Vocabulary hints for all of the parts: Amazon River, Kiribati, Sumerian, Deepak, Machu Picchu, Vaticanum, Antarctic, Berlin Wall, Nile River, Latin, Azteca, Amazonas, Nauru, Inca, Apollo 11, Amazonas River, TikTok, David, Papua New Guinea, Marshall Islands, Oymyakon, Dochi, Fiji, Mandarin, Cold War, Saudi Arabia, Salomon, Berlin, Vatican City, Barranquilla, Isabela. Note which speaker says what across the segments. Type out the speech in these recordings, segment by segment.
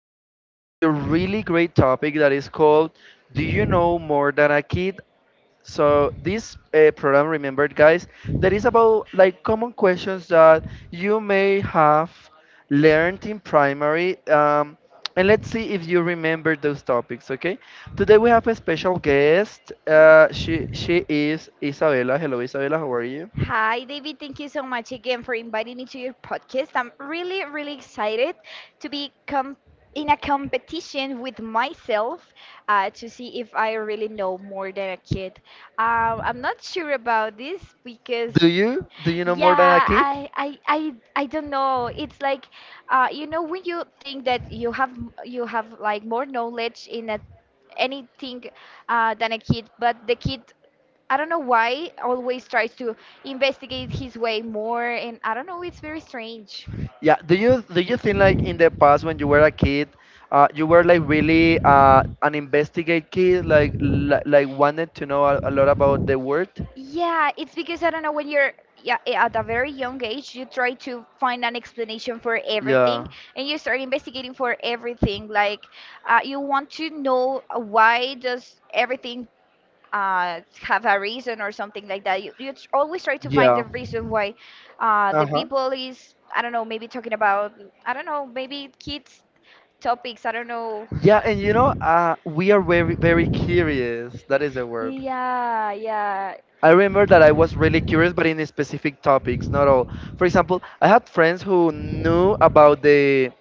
Speaker 1: have a really great topic that is called Do You Know More Than a Kid? So, this program, remembered guys, that is about like common questions that you may have learned in primary. And let's see if you remember those topics, okay? Today we have a special guest. She is Isabela. Hello, Isabela. How are you?
Speaker 2: Hi, David. Thank you so much again for inviting me to your podcast. I'm really, really excited to be com in a competition with myself to see if I really know more than a kid. I'm not sure about this because,
Speaker 1: Do you know more than a
Speaker 2: yeah,
Speaker 1: kid?
Speaker 2: I don't know. It's like, when you think that you have like more knowledge in a, anything than a kid, but the kid I don't know why always tries to investigate his way more, and I don't know, it's very strange.
Speaker 1: Yeah. Do you think like in the past when you were a kid, you were like really an investigate kid, like li like wanted to know a lot about the world?
Speaker 2: Yeah, it's because I don't know when you're, yeah, at a very young age you try to find an explanation for everything,
Speaker 1: Yeah.
Speaker 2: and you start investigating for everything like you want to know why does everything have a reason or something like that. You tr- always try to find the
Speaker 1: Yeah.
Speaker 2: reason why
Speaker 1: Uh
Speaker 2: the
Speaker 1: huh.
Speaker 2: people is I don't know maybe talking about I don't know maybe kids topics I don't know.
Speaker 1: Yeah, and you know, we are very, very curious. That is the word.
Speaker 2: Yeah, yeah.
Speaker 1: I remember that I was really curious, but in specific topics, not all. For example, I had friends who knew about the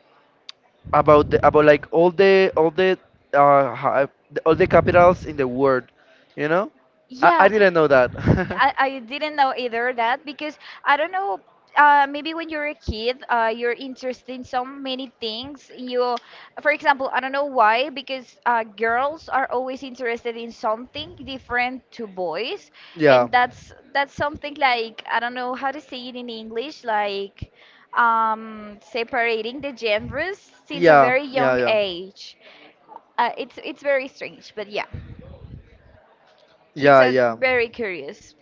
Speaker 1: about the about like all the uh, hi- all the capitals in the world. You know, I
Speaker 2: Yeah,
Speaker 1: didn't know that.
Speaker 2: I didn't know either that because I don't know. Maybe when you're a kid, you're interested in so many things. You, for example, I don't know why, because girls are always interested in something different to boys,
Speaker 1: Yeah.
Speaker 2: and that's something like I don't know how to say it in English, like separating the genders since a
Speaker 1: Yeah.
Speaker 2: very
Speaker 1: Yeah.
Speaker 2: young
Speaker 1: Yeah.
Speaker 2: age. It's very strange, but yeah, kids
Speaker 1: Yeah.
Speaker 2: are
Speaker 1: Yeah.
Speaker 2: very curious.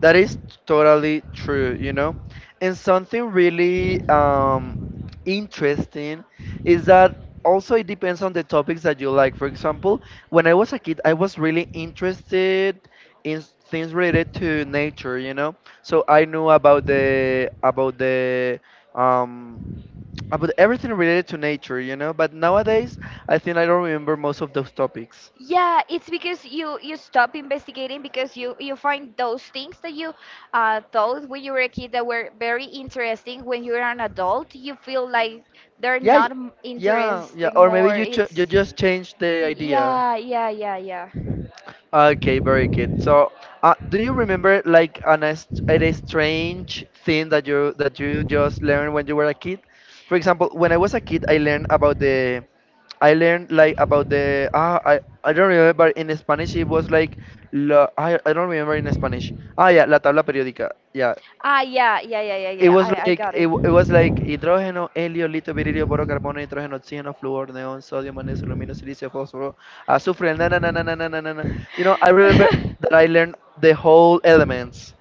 Speaker 1: That is totally true, you know? And something really interesting is that also it depends on the topics that you like. For example, when I was a kid, I was really interested in things related to nature, you know? So I knew about the about the um, about everything related to nature, you know. But nowadays, I think I don't remember most of those topics.
Speaker 2: Yeah, it's because you stop investigating because you find those things that you thought when you were a kid that were very interesting. When you're an adult, you feel like they're
Speaker 1: Yeah, y-
Speaker 2: not m-
Speaker 1: yeah.
Speaker 2: interesting
Speaker 1: Or maybe
Speaker 2: more.
Speaker 1: you
Speaker 2: It's
Speaker 1: you just change the idea.
Speaker 2: yeah, yeah, yeah, yeah.
Speaker 1: Okay, very good. So, do you remember like a strange thing that you just learned when you were a kid? For example, when I was a kid, I learned about I learned like about the ah, I don't remember. In Spanish it was like la, I don't remember in Spanish. Ah yeah, la tabla periódica. Yeah,
Speaker 2: Ah, yeah, yeah, yeah, yeah,
Speaker 1: it
Speaker 2: yeah.
Speaker 1: was
Speaker 2: I
Speaker 1: like
Speaker 2: got it.
Speaker 1: it was like hydrogeno, helio, litio, viridio, boro, carbono, nitrogeno, oxygen, fluor, neon, sodium, magnesium, aluminum, silicium, phosphorus, azufre. Na na na na na na na na. Na. You know, I remember that I learned the whole elements.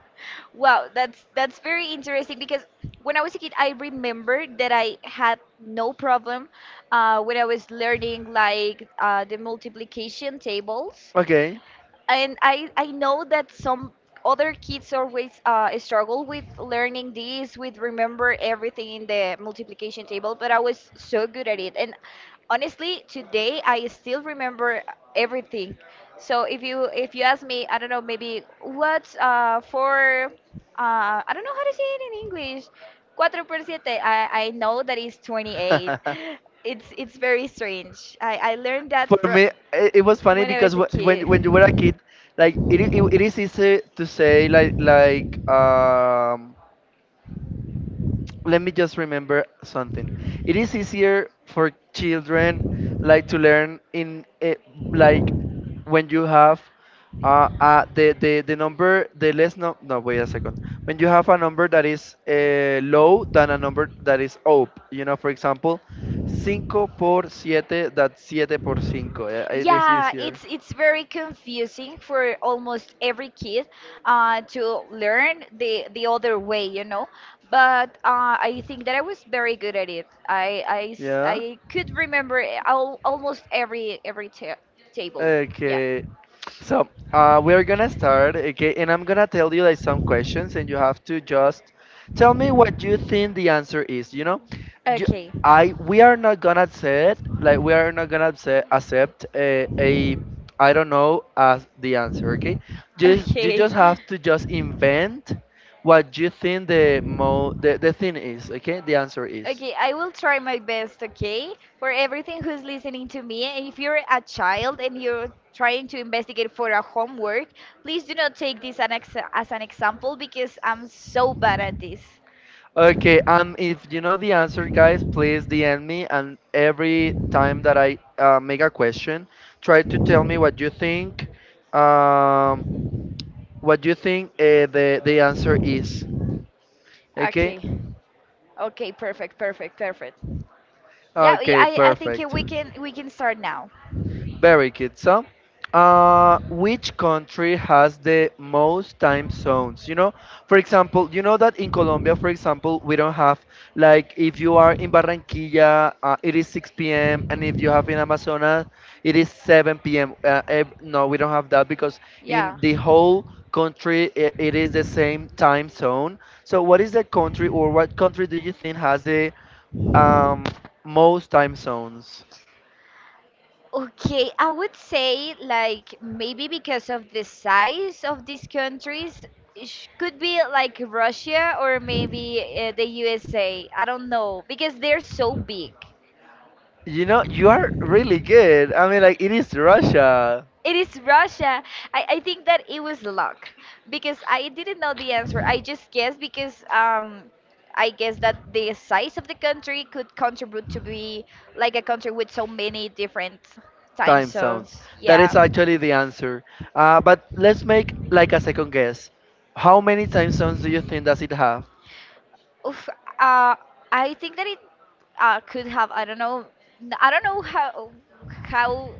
Speaker 2: Wow, that's very interesting because when I was a kid, I remember that I had no problem when I was learning like the multiplication tables,
Speaker 1: Okay.
Speaker 2: and I know that some other kids always struggle with learning this, with remember everything in the multiplication table, but I was so good at it, and honestly, today I still remember everything. So if you ask me, I don't know, maybe what's four I don't know how to say it in English. Cuatro por siete. I know that it's 28. It's very strange. I learned that
Speaker 1: For
Speaker 2: from
Speaker 1: me, it was funny
Speaker 2: when I
Speaker 1: because
Speaker 2: was a
Speaker 1: wh- when
Speaker 2: kid.
Speaker 1: when you were a kid, like it is easy to say like let me just remember something. It is easier for children like to learn in like when you have the number the less. No, no, wait a second. When you have a number that is low than a number that is up, you know, for example cinco por siete, that's siete por cinco, it is
Speaker 2: Yeah,
Speaker 1: easier.
Speaker 2: it's very confusing for almost every kid to learn the other way, you know. But I think that I was very good at it.
Speaker 1: Yeah.
Speaker 2: I could remember al almost every ta table. Yeah.
Speaker 1: Okay. So we're gonna start, okay, and I'm gonna tell you like some questions, and you have to just tell me what you think the answer is. You know, you,
Speaker 2: Okay.
Speaker 1: I we are not gonna accept like we are not gonna accept a I don't know as the answer. Okay, just you
Speaker 2: Okay.
Speaker 1: just have to just invent what you think the thing is. Okay, the answer is.
Speaker 2: Okay, I will try my best, okay? For everything who's listening to me, and if you're a child and you're trying to investigate for a homework, please do not take this an ex as an example because I'm so bad at this.
Speaker 1: Okay, if you know the answer, guys, please DM me. And every time that I make a question, try to tell me what you think. Um, what you think the answer is. Okay.
Speaker 2: Okay. Okay, perfect, perfect, perfect. Yeah, we-
Speaker 1: Okay.
Speaker 2: I think
Speaker 1: Perfect.
Speaker 2: we can start now.
Speaker 1: Very good. So, which country has the most time zones? You know, for example, you know that in Colombia, for example, we don't have, like, if you are in Barranquilla, it is 6 p.m., and if you have in Amazonas, it is 7 p.m. No, we don't have that because
Speaker 2: Yeah.
Speaker 1: in the whole country, I it is the same time zone. So, what is the country, or what country do you think has the um, most time zones?
Speaker 2: Okay, I would say like maybe because of the size of these countries, sh- could be like Russia or maybe the USA. I don't know because they're so big.
Speaker 1: You know, you are really good. I mean, like, it is Russia
Speaker 2: It is Russia. I think that it was luck because I didn't know the answer. I just guessed because I guess that the size of the country could contribute to be like a country with so many different time
Speaker 1: time zones.
Speaker 2: zones.
Speaker 1: That
Speaker 2: Yeah.
Speaker 1: is actually the answer. But let's make like a second guess. How many time zones do you think does it have?
Speaker 2: Oof, uh, I think that it could have I don't know n- I don't know how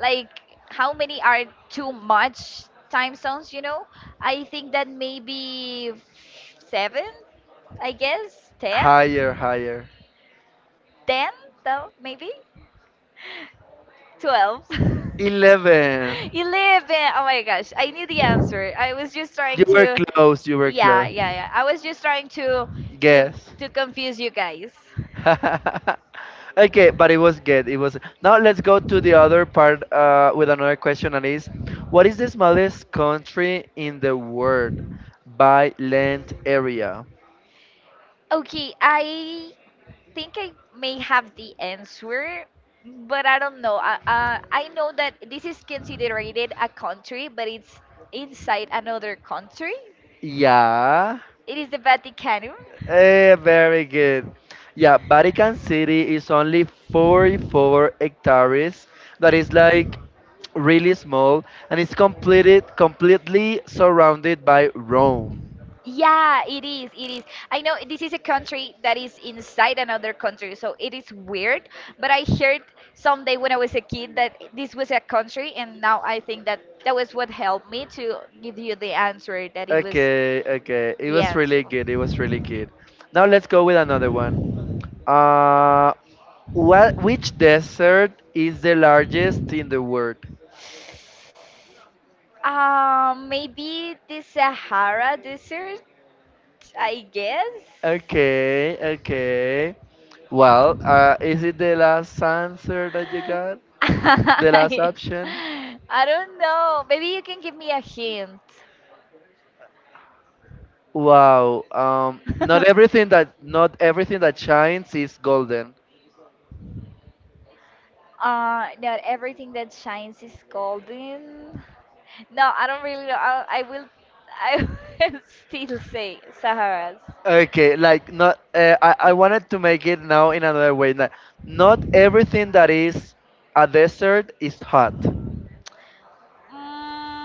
Speaker 2: like how many are too much time zones you know. I think that maybe f- seven, I guess ten,
Speaker 1: Higher, higher.
Speaker 2: ten though maybe 12. 11.
Speaker 1: 11.
Speaker 2: 11. Oh my gosh, I knew the
Speaker 1: You
Speaker 2: answer. I was just trying
Speaker 1: were
Speaker 2: to
Speaker 1: close, you were
Speaker 2: Yeah,
Speaker 1: close.
Speaker 2: yeah, yeah. I was just trying to Yes.
Speaker 1: Guess.
Speaker 2: to confuse you guys.
Speaker 1: Okay, but it was good. It was. Now let's go to the other part with another question, and is what is the smallest country in the world by land area?
Speaker 2: Okay, I think I may have the answer, but I don't know. I know that this is considered a country, but it's inside another country.
Speaker 1: Yeah,
Speaker 2: It is the Vaticanum.
Speaker 1: eh, very good. Yeah, Vatican City is only 44 hectares. That is like really small, and it's completed completely surrounded by Rome.
Speaker 2: Yeah, it is. It is. I know this is a country that is inside another country, so it is weird. But I heard someday when I was a kid that this was a country, and now I think that that was what helped me to give you the answer that it was
Speaker 1: Okay, okay. It
Speaker 2: the
Speaker 1: was
Speaker 2: answer.
Speaker 1: really good. It was really good. Now let's go with another one. Uh, what? Which desert is the largest in the world?
Speaker 2: Maybe the Sahara Desert, I guess.
Speaker 1: Okay, okay. Well, is it the last answer that you got? The last
Speaker 2: I,
Speaker 1: option?
Speaker 2: don't know. Maybe you can give me a hint.
Speaker 1: Wow. Not everything that shines is golden.
Speaker 2: Not everything that shines is golden. No, I don't really know. I will still say Saharas.
Speaker 1: Okay, like not. I wanted to make it now in another way. Like not everything that is a desert is hot.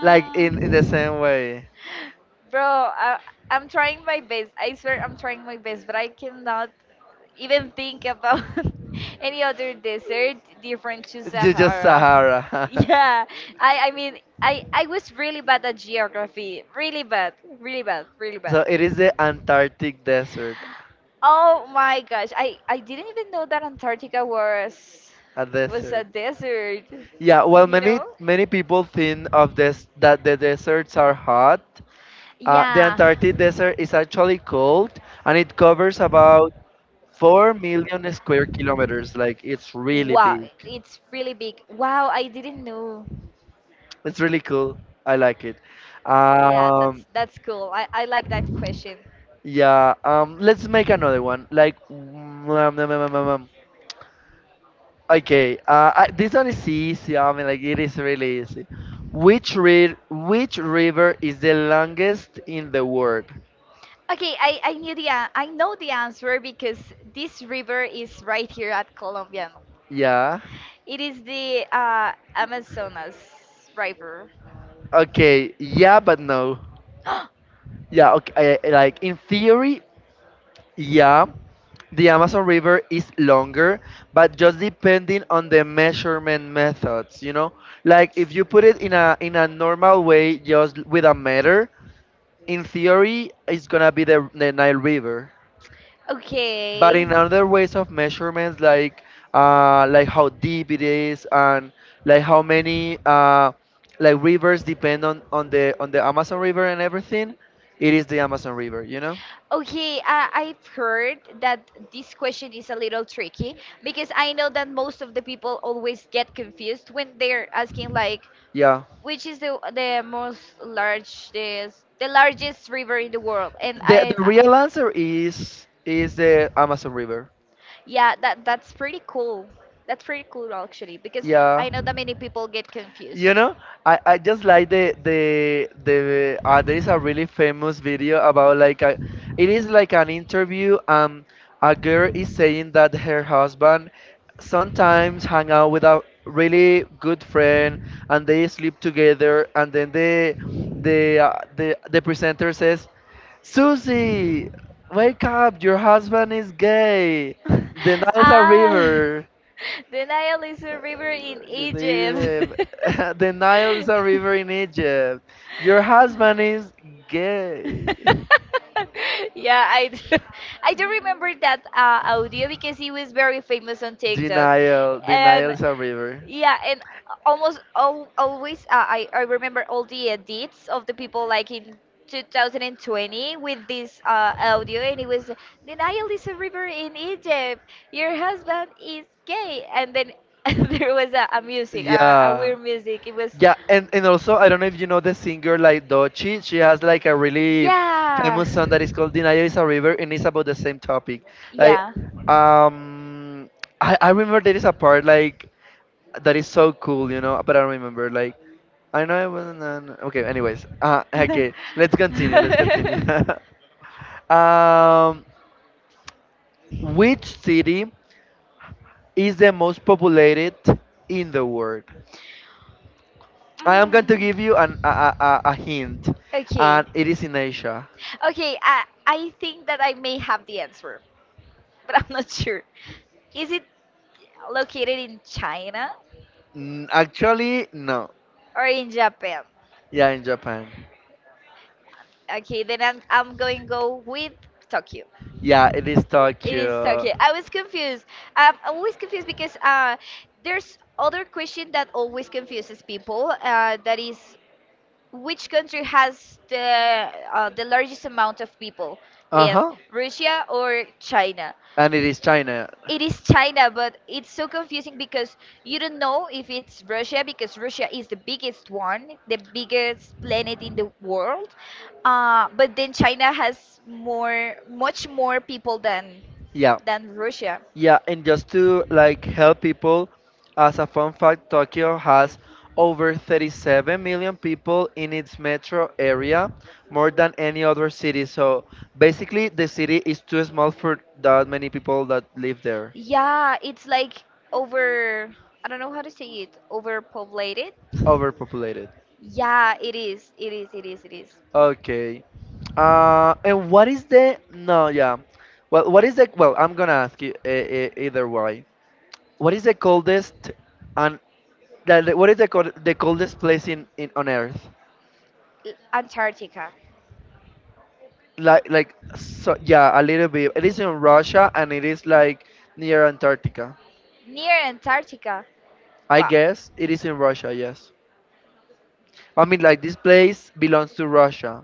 Speaker 1: Like in the same
Speaker 2: Mm,
Speaker 1: way,
Speaker 2: bro, I'm trying my best. I swear I'm trying my best, but I cannot even think about any other desert different to
Speaker 1: you just
Speaker 2: Sahara.
Speaker 1: Sahara.
Speaker 2: Yeah, I mean, I was really bad at geography. Really bad, really bad, really
Speaker 1: So
Speaker 2: bad.
Speaker 1: it is the Antarctic desert,
Speaker 2: Oh my gosh, I didn't even know that Antarctica
Speaker 1: a
Speaker 2: was a
Speaker 1: desert.
Speaker 2: desert.
Speaker 1: Yeah, well,
Speaker 2: You
Speaker 1: many
Speaker 2: know?
Speaker 1: many people think of this that the deserts are hot. The
Speaker 2: Yeah.
Speaker 1: Antarctic desert is actually cold, and it covers about 4 million square kilometers. Like it's really
Speaker 2: Wow,
Speaker 1: big.
Speaker 2: it's really big. Wow, I didn't know.
Speaker 1: It's really cool. I like it.
Speaker 2: Yeah,
Speaker 1: Um,
Speaker 2: that's cool. I like that question.
Speaker 1: yeah. Let's make another one. Like, okay. This one is easy. I mean, like it is really easy. Which river is the longest in the world?
Speaker 2: Okay, I knew the an- I know the answer because this river is right here at Colombia.
Speaker 1: Yeah.
Speaker 2: It is the Amazonas River.
Speaker 1: Okay. Yeah, but no. Yeah. Okay. Like in theory, yeah. The Amazon River is longer, but just depending on the measurement methods, you know? Like if you put it in a normal way just with a meter, in theory it's gonna be the Nile River. But
Speaker 2: Okay.
Speaker 1: in other ways of measurements, like how deep it is, and like how many like rivers depend on the Amazon River and everything, it is the Amazon River, you know?
Speaker 2: Okay, I've heard that this question is a little tricky because I know that most of the people always get confused when they're asking like
Speaker 1: Yeah.
Speaker 2: which is the most largest the largest river in the world, and
Speaker 1: The
Speaker 2: I
Speaker 1: real answer is the Amazon River.
Speaker 2: yeah, that that's pretty cool. That's pretty cool actually because
Speaker 1: Yeah.
Speaker 2: I know that many people get
Speaker 1: You
Speaker 2: confused.
Speaker 1: know, I just like there is a really famous video about it is like an interview. A girl is saying that her husband sometimes hang out with a really good friend and they sleep together, and then the presenter says, Susie, wake up! Your husband is gay. The Nile
Speaker 2: ah.
Speaker 1: river.
Speaker 2: The Nile is a
Speaker 1: Uh,
Speaker 2: river in
Speaker 1: river- the
Speaker 2: Egypt.
Speaker 1: Nile, the Nile is a river in Egypt. Your husband is gay.
Speaker 2: yeah, I do. I do remember that audio because he was very famous on TikTok,
Speaker 1: Denial. Nile, the Nile
Speaker 2: and
Speaker 1: is a river.
Speaker 2: yeah, and almost all, always I remember all the edits of the people like in 2020 with this audio, and it was the Nile is a river in Egypt. Your husband is gay, and then there was a music, a
Speaker 1: Yeah.
Speaker 2: weird music. It was
Speaker 1: Yeah, and also I don't know if you know the singer like Dochi. She has like a really
Speaker 2: yeah,
Speaker 1: famous song that is called "The Nile is a River," and it's about the same topic. Like,
Speaker 2: yeah,
Speaker 1: um, I remember there is a part like that is so cool, you know. But I don't remember like I know it wasn't. An, okay, anyways, okay, let's continue. Let's continue.
Speaker 2: Mm.
Speaker 1: um, which city is the most populated in the world? I am going to give you an, a hint,
Speaker 2: Okay.
Speaker 1: and it is in Asia.
Speaker 2: Okay, I think that I may have the answer, but I'm not sure. Is it located in China
Speaker 1: Actually, no.
Speaker 2: or in Japan?
Speaker 1: Yeah, in Japan.
Speaker 2: Okay, then I'm going go with Tokyo.
Speaker 1: Yeah, it is
Speaker 2: It is
Speaker 1: Tokyo.
Speaker 2: Tokyo. I was confused. I'm always confused because there's other question that always confuses people. That is Which country has the largest amount of people
Speaker 1: Uh
Speaker 2: in
Speaker 1: huh.
Speaker 2: Russia or China?
Speaker 1: And it is China.
Speaker 2: It is China, but it's so confusing because you don't know if it's Russia because Russia is the biggest one, the biggest planet in the world. But then China has more, much more people
Speaker 1: Yeah.
Speaker 2: than Russia.
Speaker 1: Yeah, and just to like help people, as a fun fact, Tokyo has over 37 million people in its metro area, more than any other city. So basically, the city is too small for that many people that live there,
Speaker 2: Yeah, it's like over, I don't know how to say it, overpopulated.
Speaker 1: overpopulated.
Speaker 2: Yeah, it is, it is, it is, it is.
Speaker 1: Okay. And what is the no? Yeah. Well, what is the well? I'm gonna ask you either way. What is the coldest and the- what is the cold, the coldest place in on Earth?
Speaker 2: L- Antarctica.
Speaker 1: Like, so yeah, a little bit. It is in Russia, and it is like near Antarctica,
Speaker 2: Near Antarctica.
Speaker 1: I
Speaker 2: Wow.
Speaker 1: guess. It is in Russia, yes. I mean, like this place belongs to Russia.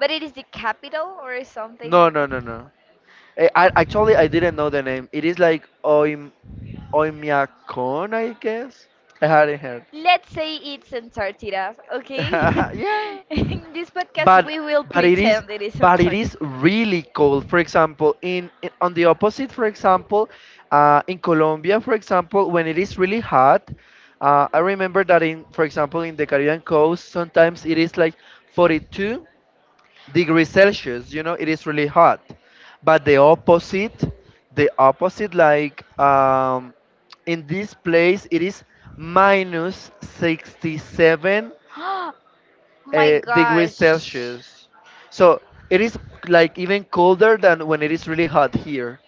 Speaker 2: But it is the capital or something
Speaker 1: No,
Speaker 2: like
Speaker 1: no,
Speaker 2: that.
Speaker 1: no, no, I actually I didn't know the name. It is like oim Oymyakon, I guess. I hadn't heard.
Speaker 2: Let's say it's Antarctica, okay?
Speaker 1: Yeah,
Speaker 2: In this podcast,
Speaker 1: but
Speaker 2: we will
Speaker 1: but it is,
Speaker 2: pretend it is
Speaker 1: but it
Speaker 2: Antarctica.
Speaker 1: is really cold. For example, in, on the opposite, for example, in Colombia, for example, when it is really hot, I remember that in, for example, in the Caribbean coast, sometimes it is like 42 degrees Celsius. You know, it is really hot, but the opposite, the opposite, like in this place it is minus 67
Speaker 2: My
Speaker 1: degrees
Speaker 2: gosh.
Speaker 1: Celsius. So it is like even colder than when it is really hot here.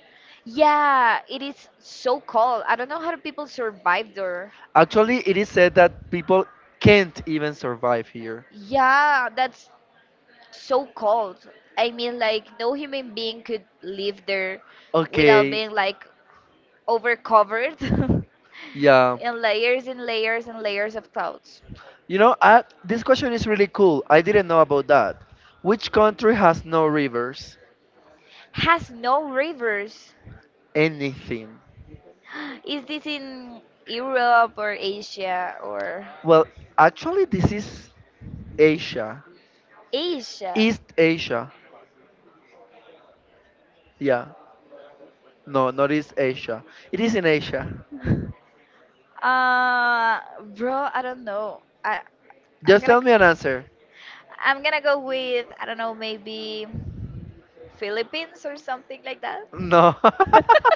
Speaker 2: Yeah, it is so cold. I don't know how do people survive there.
Speaker 1: Actually, it is said that people can't even survive here.
Speaker 2: Yeah, that's so cold. I mean, like, no human being could live there without
Speaker 1: Okay,
Speaker 2: being like overcovered
Speaker 1: yeah.
Speaker 2: in layers and layers and layers of clouds.
Speaker 1: You know, this question is really cool. I didn't know about that. Which country has no rivers?
Speaker 2: Has no rivers.
Speaker 1: Anything.
Speaker 2: Is this in Europe or Asia or
Speaker 1: Well, actually, this is Asia.
Speaker 2: Asia?
Speaker 1: East Asia. Yeah. No, not East Asia. It is in Asia.
Speaker 2: Uh, bro, I don't know. I'm
Speaker 1: Just
Speaker 2: gonna
Speaker 1: tell me an answer.
Speaker 2: I'm gonna go with I don't know maybe. Philippines or something like that? No.
Speaker 1: No.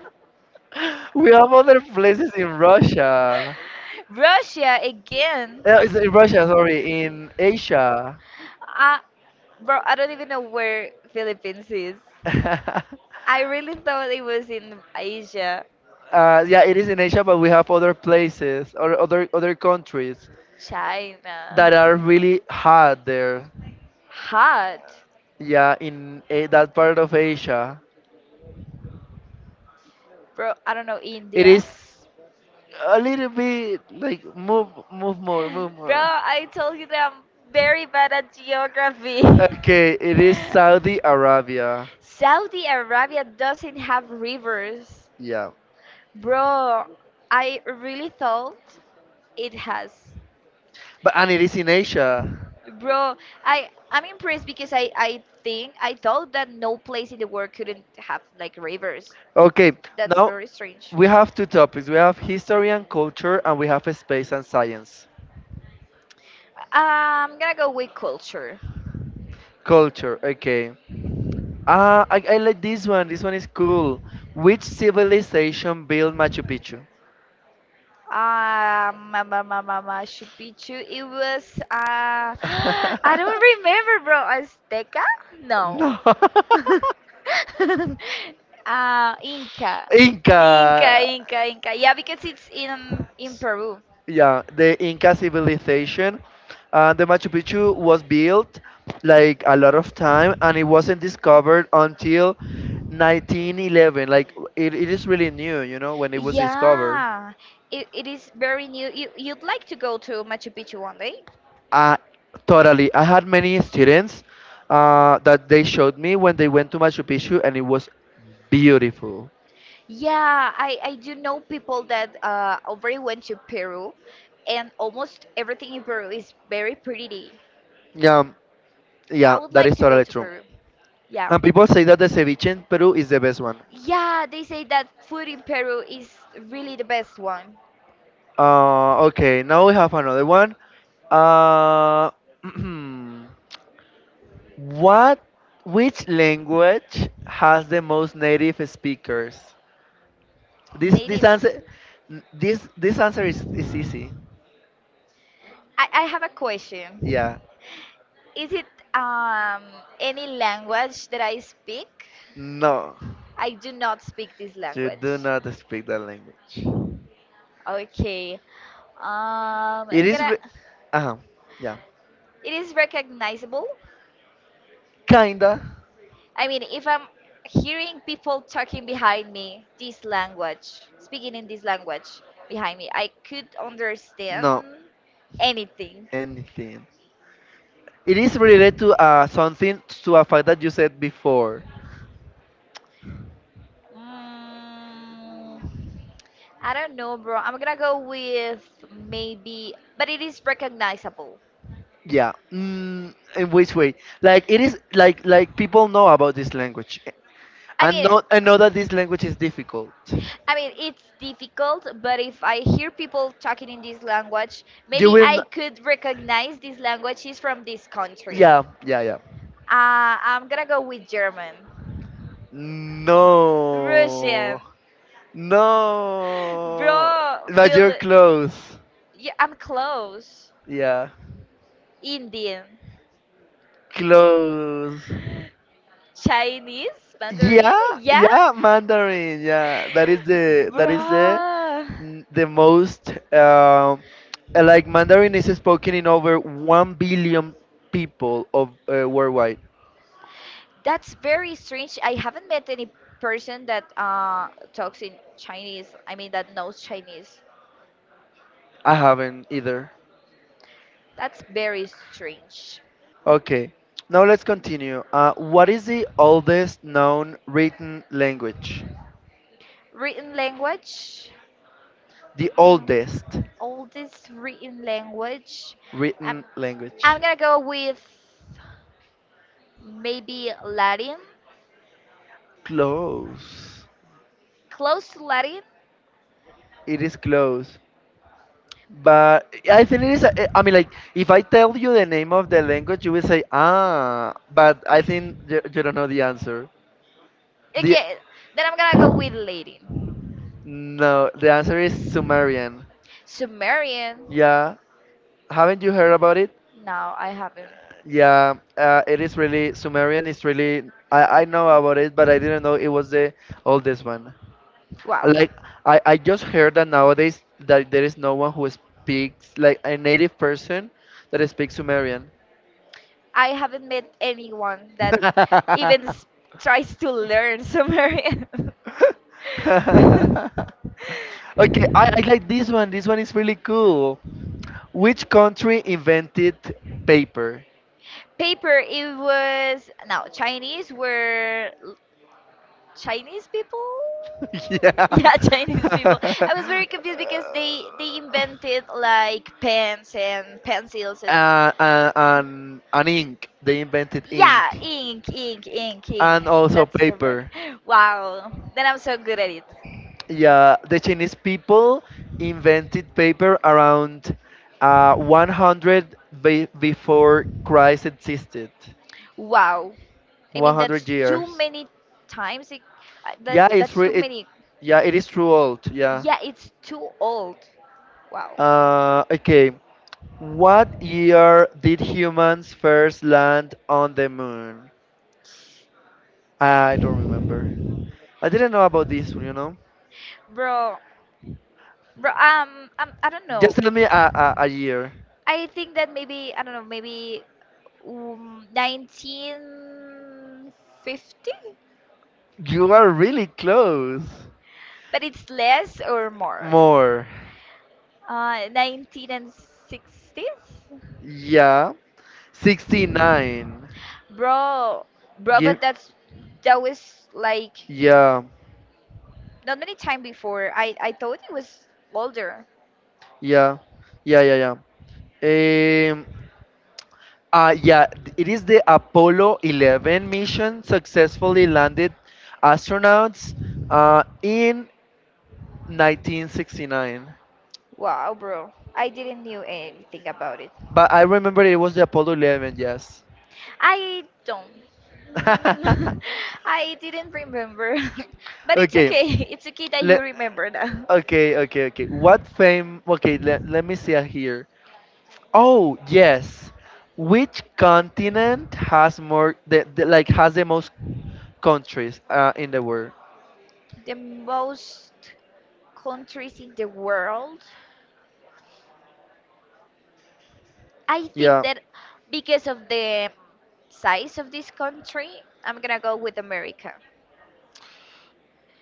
Speaker 1: We have other places in Russia.
Speaker 2: Russia again.
Speaker 1: It's in Russia, sorry, in Asia.
Speaker 2: Uh, bro, I don't even know where Philippines is. I really thought it was in Asia,
Speaker 1: Yeah, it is in Asia, but we have other places or other countries that are
Speaker 2: China.
Speaker 1: really hot there.
Speaker 2: Hot.
Speaker 1: Yeah, in that part of Asia,
Speaker 2: Bro, I don't know,
Speaker 1: it
Speaker 2: India.
Speaker 1: is a little bit like move
Speaker 2: Bro,
Speaker 1: more.
Speaker 2: I told you that I'm very bad at geography.
Speaker 1: Okay, it is Saudi Arabia.
Speaker 2: Saudi Arabia doesn't have rivers.
Speaker 1: Yeah,
Speaker 2: Bro, I really thought it has.
Speaker 1: but and it is in Asia.
Speaker 2: Bro, I'm impressed because I think I thought that no place in the world couldn't have like rivers.
Speaker 1: Okay,
Speaker 2: That's
Speaker 1: now
Speaker 2: very strange.
Speaker 1: we have two topics. We have history and culture, and we have space and science.
Speaker 2: I'm gonna go with culture.
Speaker 1: Culture, okay. I like this one. This one is cool. Which civilization built Machu Picchu?
Speaker 2: Mama, Mama, Machu Picchu. It was I don't remember, bro. Azteca? No.
Speaker 1: No.
Speaker 2: Inca. Inca,
Speaker 1: Inca.
Speaker 2: Inca, Inca. Yeah, because it's in Peru.
Speaker 1: Yeah, the Inca civilization. The Machu Picchu was built like a lot of time, and it wasn't discovered until 1911. Like it is really new. When it was discovered,
Speaker 2: Yeah, it is very new. You, you'd like to go to Machu Picchu one day?
Speaker 1: uh, totally. I had many students that they showed me when they went to Machu Picchu, and it was beautiful.
Speaker 2: Yeah, I do know people that already went to Peru, and almost everything in Peru is very pretty.
Speaker 1: Yeah,
Speaker 2: I
Speaker 1: yeah,
Speaker 2: would
Speaker 1: that
Speaker 2: like
Speaker 1: is
Speaker 2: to go
Speaker 1: totally
Speaker 2: to
Speaker 1: true.
Speaker 2: Peru. Yeah.
Speaker 1: And people say that the ceviche in Peru is the best one.
Speaker 2: Yeah, they say that food in Peru is really the best one.
Speaker 1: Okay, now we have another one. Uh, what? Which language has the most native speakers? This this
Speaker 2: Natives.
Speaker 1: answer, this answer is easy.
Speaker 2: I have a
Speaker 1: Yeah.
Speaker 2: question. Is it um, any language that I speak?
Speaker 1: No,
Speaker 2: I do not speak this
Speaker 1: you
Speaker 2: language.
Speaker 1: do not speak that language.
Speaker 2: Okay.
Speaker 1: It
Speaker 2: I'm
Speaker 1: is.
Speaker 2: gonna.
Speaker 1: Re- uh Yeah.
Speaker 2: It is recognizable.
Speaker 1: Kinda.
Speaker 2: I mean, if I'm hearing people talking behind me this language, speaking in this language behind me, I could
Speaker 1: No.
Speaker 2: understand anything.
Speaker 1: Anything. It is related to something, to a fact that you said before.
Speaker 2: Mm, I don't know, bro. I'm gonna go with maybe, but it is recognizable.
Speaker 1: Yeah. Mm, in which way? Like it is like people know about this language,
Speaker 2: I
Speaker 1: and
Speaker 2: mean,
Speaker 1: know that this language is difficult.
Speaker 2: I mean, it's difficult, but if I hear people talking in this language,
Speaker 1: You
Speaker 2: maybe
Speaker 1: will. N-
Speaker 2: I could recognize this language is from this country.
Speaker 1: Yeah. Yeah. Yeah.
Speaker 2: I'm gonna go with German. Russian.
Speaker 1: No. No.
Speaker 2: Bro,
Speaker 1: But
Speaker 2: feel.
Speaker 1: you're close.
Speaker 2: Yeah, I'm close.
Speaker 1: Yeah.
Speaker 2: Indian.
Speaker 1: Close.
Speaker 2: Chinese? Mandarin?
Speaker 1: Yeah,
Speaker 2: Yeah?
Speaker 1: yeah, Mandarin. Yeah, that is
Speaker 2: Bro,
Speaker 1: the most like Mandarin is spoken in over 1 billion people of worldwide.
Speaker 2: that's very strange. I haven't met any person that talks in Chinese. I mean, that knows Chinese.
Speaker 1: I haven't either.
Speaker 2: That's very strange.
Speaker 1: Okay, now let's continue. What is the oldest known written language?
Speaker 2: Written language?
Speaker 1: The
Speaker 2: Mm,
Speaker 1: oldest
Speaker 2: oldest written language. I'm,
Speaker 1: written language.
Speaker 2: I'm gonna go with maybe Latin,
Speaker 1: Close.
Speaker 2: close to Latin.
Speaker 1: It is close. But I think it is. I mean, like if I tell you the name of the language, you will say ah. But I think you don't know the answer. The
Speaker 2: Okay, then I'm gonna go with Latin.
Speaker 1: No, the answer is Sumerian.
Speaker 2: Sumerian.
Speaker 1: Yeah, haven't you heard about it?
Speaker 2: No, I haven't.
Speaker 1: Yeah, it is really Sumerian. It's really, I know about it, but I didn't know it was the oldest one.
Speaker 2: Wow.
Speaker 1: Like I just heard that nowadays that there is no one who speaks like a native person that speaks Sumerian.
Speaker 2: I haven't met anyone that
Speaker 1: okay,
Speaker 2: even s- tries to learn Sumerian.
Speaker 1: I like this one. This one is really cool. Which country invented paper?
Speaker 2: Paper, it was no Chinese were l- Chinese people.
Speaker 1: yeah.
Speaker 2: Yeah, Chinese people. I was very confused because they invented like pens and pencils and
Speaker 1: And ink. They invented ink.
Speaker 2: yeah, ink.
Speaker 1: And also
Speaker 2: That's correct.
Speaker 1: paper.
Speaker 2: Wow, then I'm so good at it.
Speaker 1: Yeah, the Chinese people invented paper around 100 before Christ existed.
Speaker 2: Wow. I mean, that's
Speaker 1: 100
Speaker 2: too
Speaker 1: years.
Speaker 2: many times. It,
Speaker 1: Yeah,
Speaker 2: that
Speaker 1: it's
Speaker 2: that's too
Speaker 1: re- it.
Speaker 2: many.
Speaker 1: Yeah, it is true old. Yeah.
Speaker 2: Yeah, it's too old. Wow.
Speaker 1: Okay. What year did humans first land on the moon? I don't remember. I didn't know about this one. You know,
Speaker 2: Bro, bro, I don't know.
Speaker 1: just tell me a year.
Speaker 2: I think that maybe I don't know, maybe 1950,
Speaker 1: You are really close.
Speaker 2: but it's less or more.
Speaker 1: More.
Speaker 2: 19 and 60s,
Speaker 1: Yeah. 69.
Speaker 2: bro, bro.
Speaker 1: Give,
Speaker 2: But that's that was like
Speaker 1: yeah,
Speaker 2: not many time before. I thought it was older.
Speaker 1: yeah, yeah. Um, yeah, it is the Apollo 11 mission successfully landed astronauts in 1969.
Speaker 2: Wow, bro. I didn't knew anything about it.
Speaker 1: But I remember it was the Apollo 11, yes.
Speaker 2: I don't. I didn't remember. But it's
Speaker 1: okay,
Speaker 2: okay. It's okay that you
Speaker 1: let,
Speaker 2: remember now.
Speaker 1: okay, okay, okay. What fame? Okay, let me see here. Oh, yes. Which continent has more the, like has the most countries in the world?
Speaker 2: The most countries in the world. I think
Speaker 1: Yeah.
Speaker 2: that because of the size of this country, I'm gonna go with America.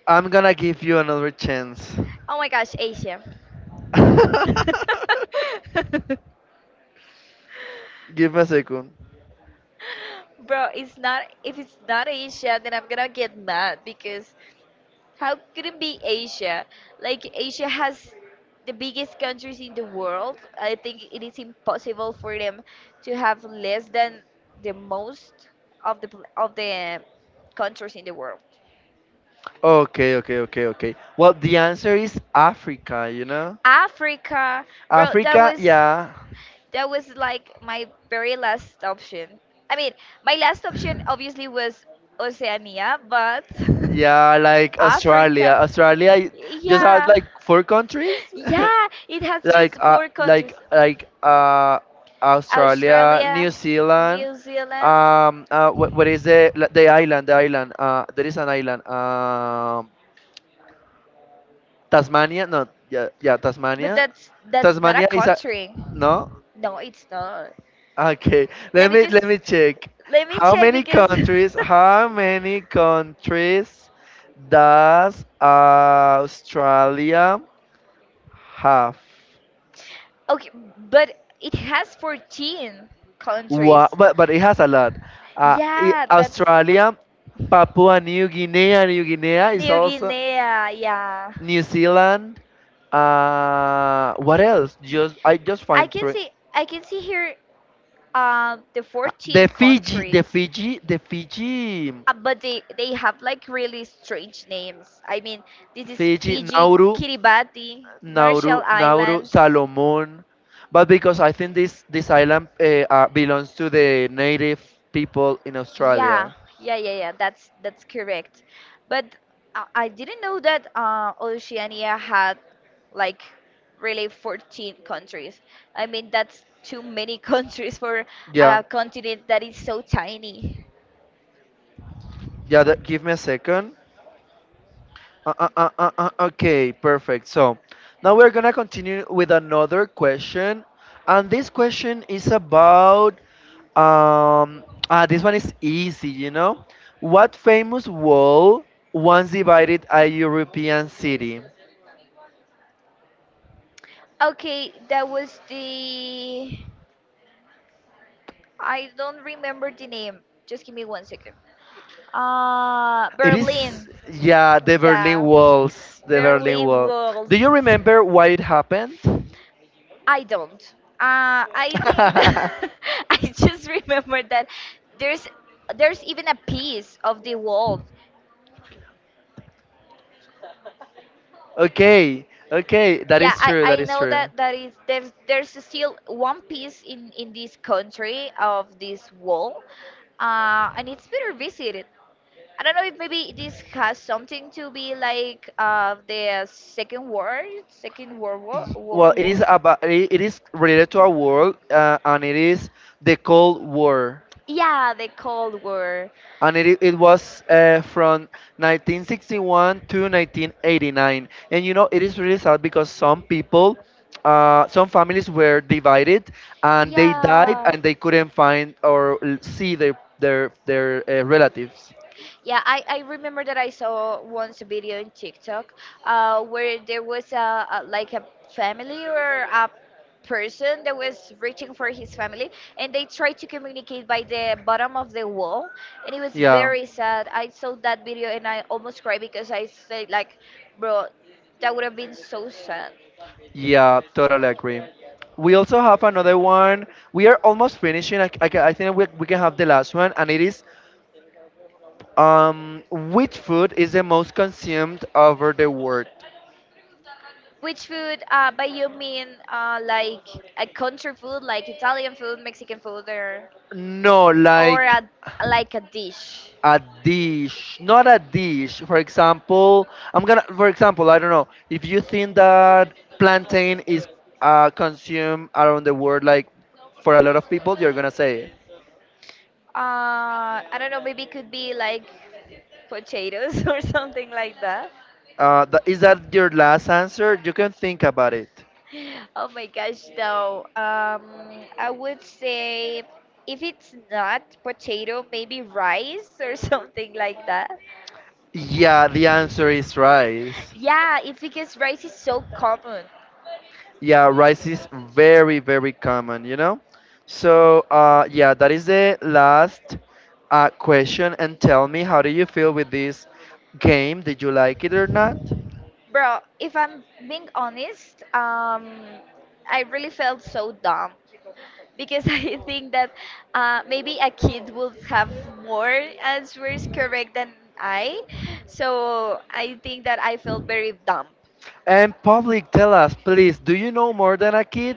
Speaker 1: I'm gonna give you another chance.
Speaker 2: Oh my gosh, Asia.
Speaker 1: Give me a second.
Speaker 2: Bro, it's not. If it's not Asia, then I'm gonna get mad because how could it be Asia? Like Asia has the biggest countries in the world. I think it is impossible for them to have less than the most of the countries in the world.
Speaker 1: Okay, okay, okay, okay. Well, the answer is Africa, you know?
Speaker 2: Africa, bro, that
Speaker 1: Africa,
Speaker 2: was
Speaker 1: yeah.
Speaker 2: like my very last option. I mean, my last option obviously was Oceania, but
Speaker 1: Yeah, like Australia.
Speaker 2: Africa.
Speaker 1: Just had
Speaker 2: Yeah.
Speaker 1: like 4 countries.
Speaker 2: Yeah, it has
Speaker 1: like
Speaker 2: just four countries.
Speaker 1: Australia, New
Speaker 2: Australia,
Speaker 1: Zealand.
Speaker 2: New Zealand.
Speaker 1: What is the island? The island. There is an island. Tasmania. No. Yeah. Yeah.
Speaker 2: But
Speaker 1: Tasmania.
Speaker 2: that's not a
Speaker 1: Tasmania is a.
Speaker 2: country.
Speaker 1: No.
Speaker 2: No, it's not.
Speaker 1: Okay.
Speaker 2: Let
Speaker 1: Let
Speaker 2: me
Speaker 1: me
Speaker 2: just
Speaker 1: check.
Speaker 2: let me
Speaker 1: How
Speaker 2: check
Speaker 1: many
Speaker 2: because
Speaker 1: countries? How many countries does Australia have?
Speaker 2: okay, but it has 14 countries.
Speaker 1: Wow, but it has a lot.
Speaker 2: Yeah, that's
Speaker 1: Australia, Papua New Guinea, New Guinea is
Speaker 2: New
Speaker 1: also.
Speaker 2: Guinea. Yeah.
Speaker 1: New Zealand. What else? Just I just find 3.
Speaker 2: I can see here the 14 countries.
Speaker 1: The Fiji,
Speaker 2: But they have like really strange names. I mean, this is
Speaker 1: Fiji,
Speaker 2: Fiji, Kiribati, Marshall
Speaker 1: Nauru,
Speaker 2: Islands.
Speaker 1: Salomon. But because I think this island belongs to the native people in
Speaker 2: Yeah,
Speaker 1: Australia.
Speaker 2: yeah, that's correct. But I didn't know that Oceania had like really 14 countries. I mean, that's too many countries for
Speaker 1: Yeah,
Speaker 2: a continent that is so tiny.
Speaker 1: yeah. That, give me a second. Okay, perfect. So now we're gonna continue with another question, and this question is about this one is easy, you know. What famous wall once divided a European city?
Speaker 2: Okay, that was the I don't remember the name. Just give me 1 second.
Speaker 1: It is
Speaker 2: Berlin.
Speaker 1: Yeah, the
Speaker 2: Yeah.
Speaker 1: Berlin
Speaker 2: Berlin
Speaker 1: Wall.
Speaker 2: Walls.
Speaker 1: Do you remember why it happened?
Speaker 2: I don't. I think that I just remember that there's there's even a piece of the wall.
Speaker 1: Okay, okay, that
Speaker 2: Yeah,
Speaker 1: is true, that
Speaker 2: I
Speaker 1: is
Speaker 2: know
Speaker 1: true.
Speaker 2: that that is there's still one piece in this country of this wall, and it's better visited. I don't know if maybe this has something to be like the second war, second world
Speaker 1: Well, it
Speaker 2: war.
Speaker 1: is about it is related to our world, and it is the Cold War.
Speaker 2: Yeah, the Cold War.
Speaker 1: And it was from 1961 to 1989. And you know it is really sad because some people, some families were divided, and they died
Speaker 2: Yeah.
Speaker 1: and they couldn't find or see their relatives.
Speaker 2: Yeah, I remember that I saw once a video in TikTok where there was a like a family or a person that was reaching for his family and they tried to communicate by the bottom of the wall and it was
Speaker 1: Yeah.
Speaker 2: very sad. I saw that video and I almost cried because I said like, bro, that would have been so sad.
Speaker 1: Yeah, totally agree. We also have another one. We are almost finishing. I think we can have the last one, and it is which food is the most consumed over the world?
Speaker 2: Which food? By you mean like a country food, like Italian food, Mexican food, or
Speaker 1: No,
Speaker 2: or
Speaker 1: like
Speaker 2: a, like a dish?
Speaker 1: a dish, not a dish. For example, for example, I don't know, if you think that plantain is consumed around the world, like for a lot of people, you're gonna say it.
Speaker 2: I don't know. Maybe it could be like potatoes or something like that.
Speaker 1: Is that your last answer? You can think about it.
Speaker 2: Oh my gosh, though. I would say if it's not potato, maybe rice or something like that.
Speaker 1: Yeah, the answer is rice.
Speaker 2: Yeah, it's because rice is so common.
Speaker 1: Yeah, rice is very, very common, you know? So, yeah, that is the last question. And tell me, how do you feel with this game? Did you like it or not?
Speaker 2: Bro, if I'm being honest, I really felt so dumb because I think that maybe a kid would have more answers correct than I. So I think that I felt very dumb.
Speaker 1: And public, tell us, please, do you know more than a kid?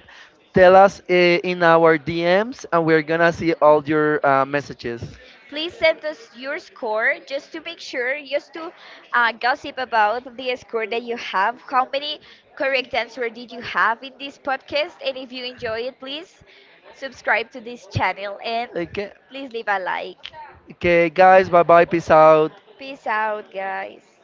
Speaker 1: Tell us in our DMs, and we're gonna see all your messages.
Speaker 2: Please send us your score just to make sure, just to gossip about the score that you have. How many correct answer did you have in this podcast? And if you enjoy it, please subscribe to this channel and
Speaker 1: Okay,
Speaker 2: please leave a like.
Speaker 1: okay, guys, bye bye, peace out.
Speaker 2: Peace out, guys.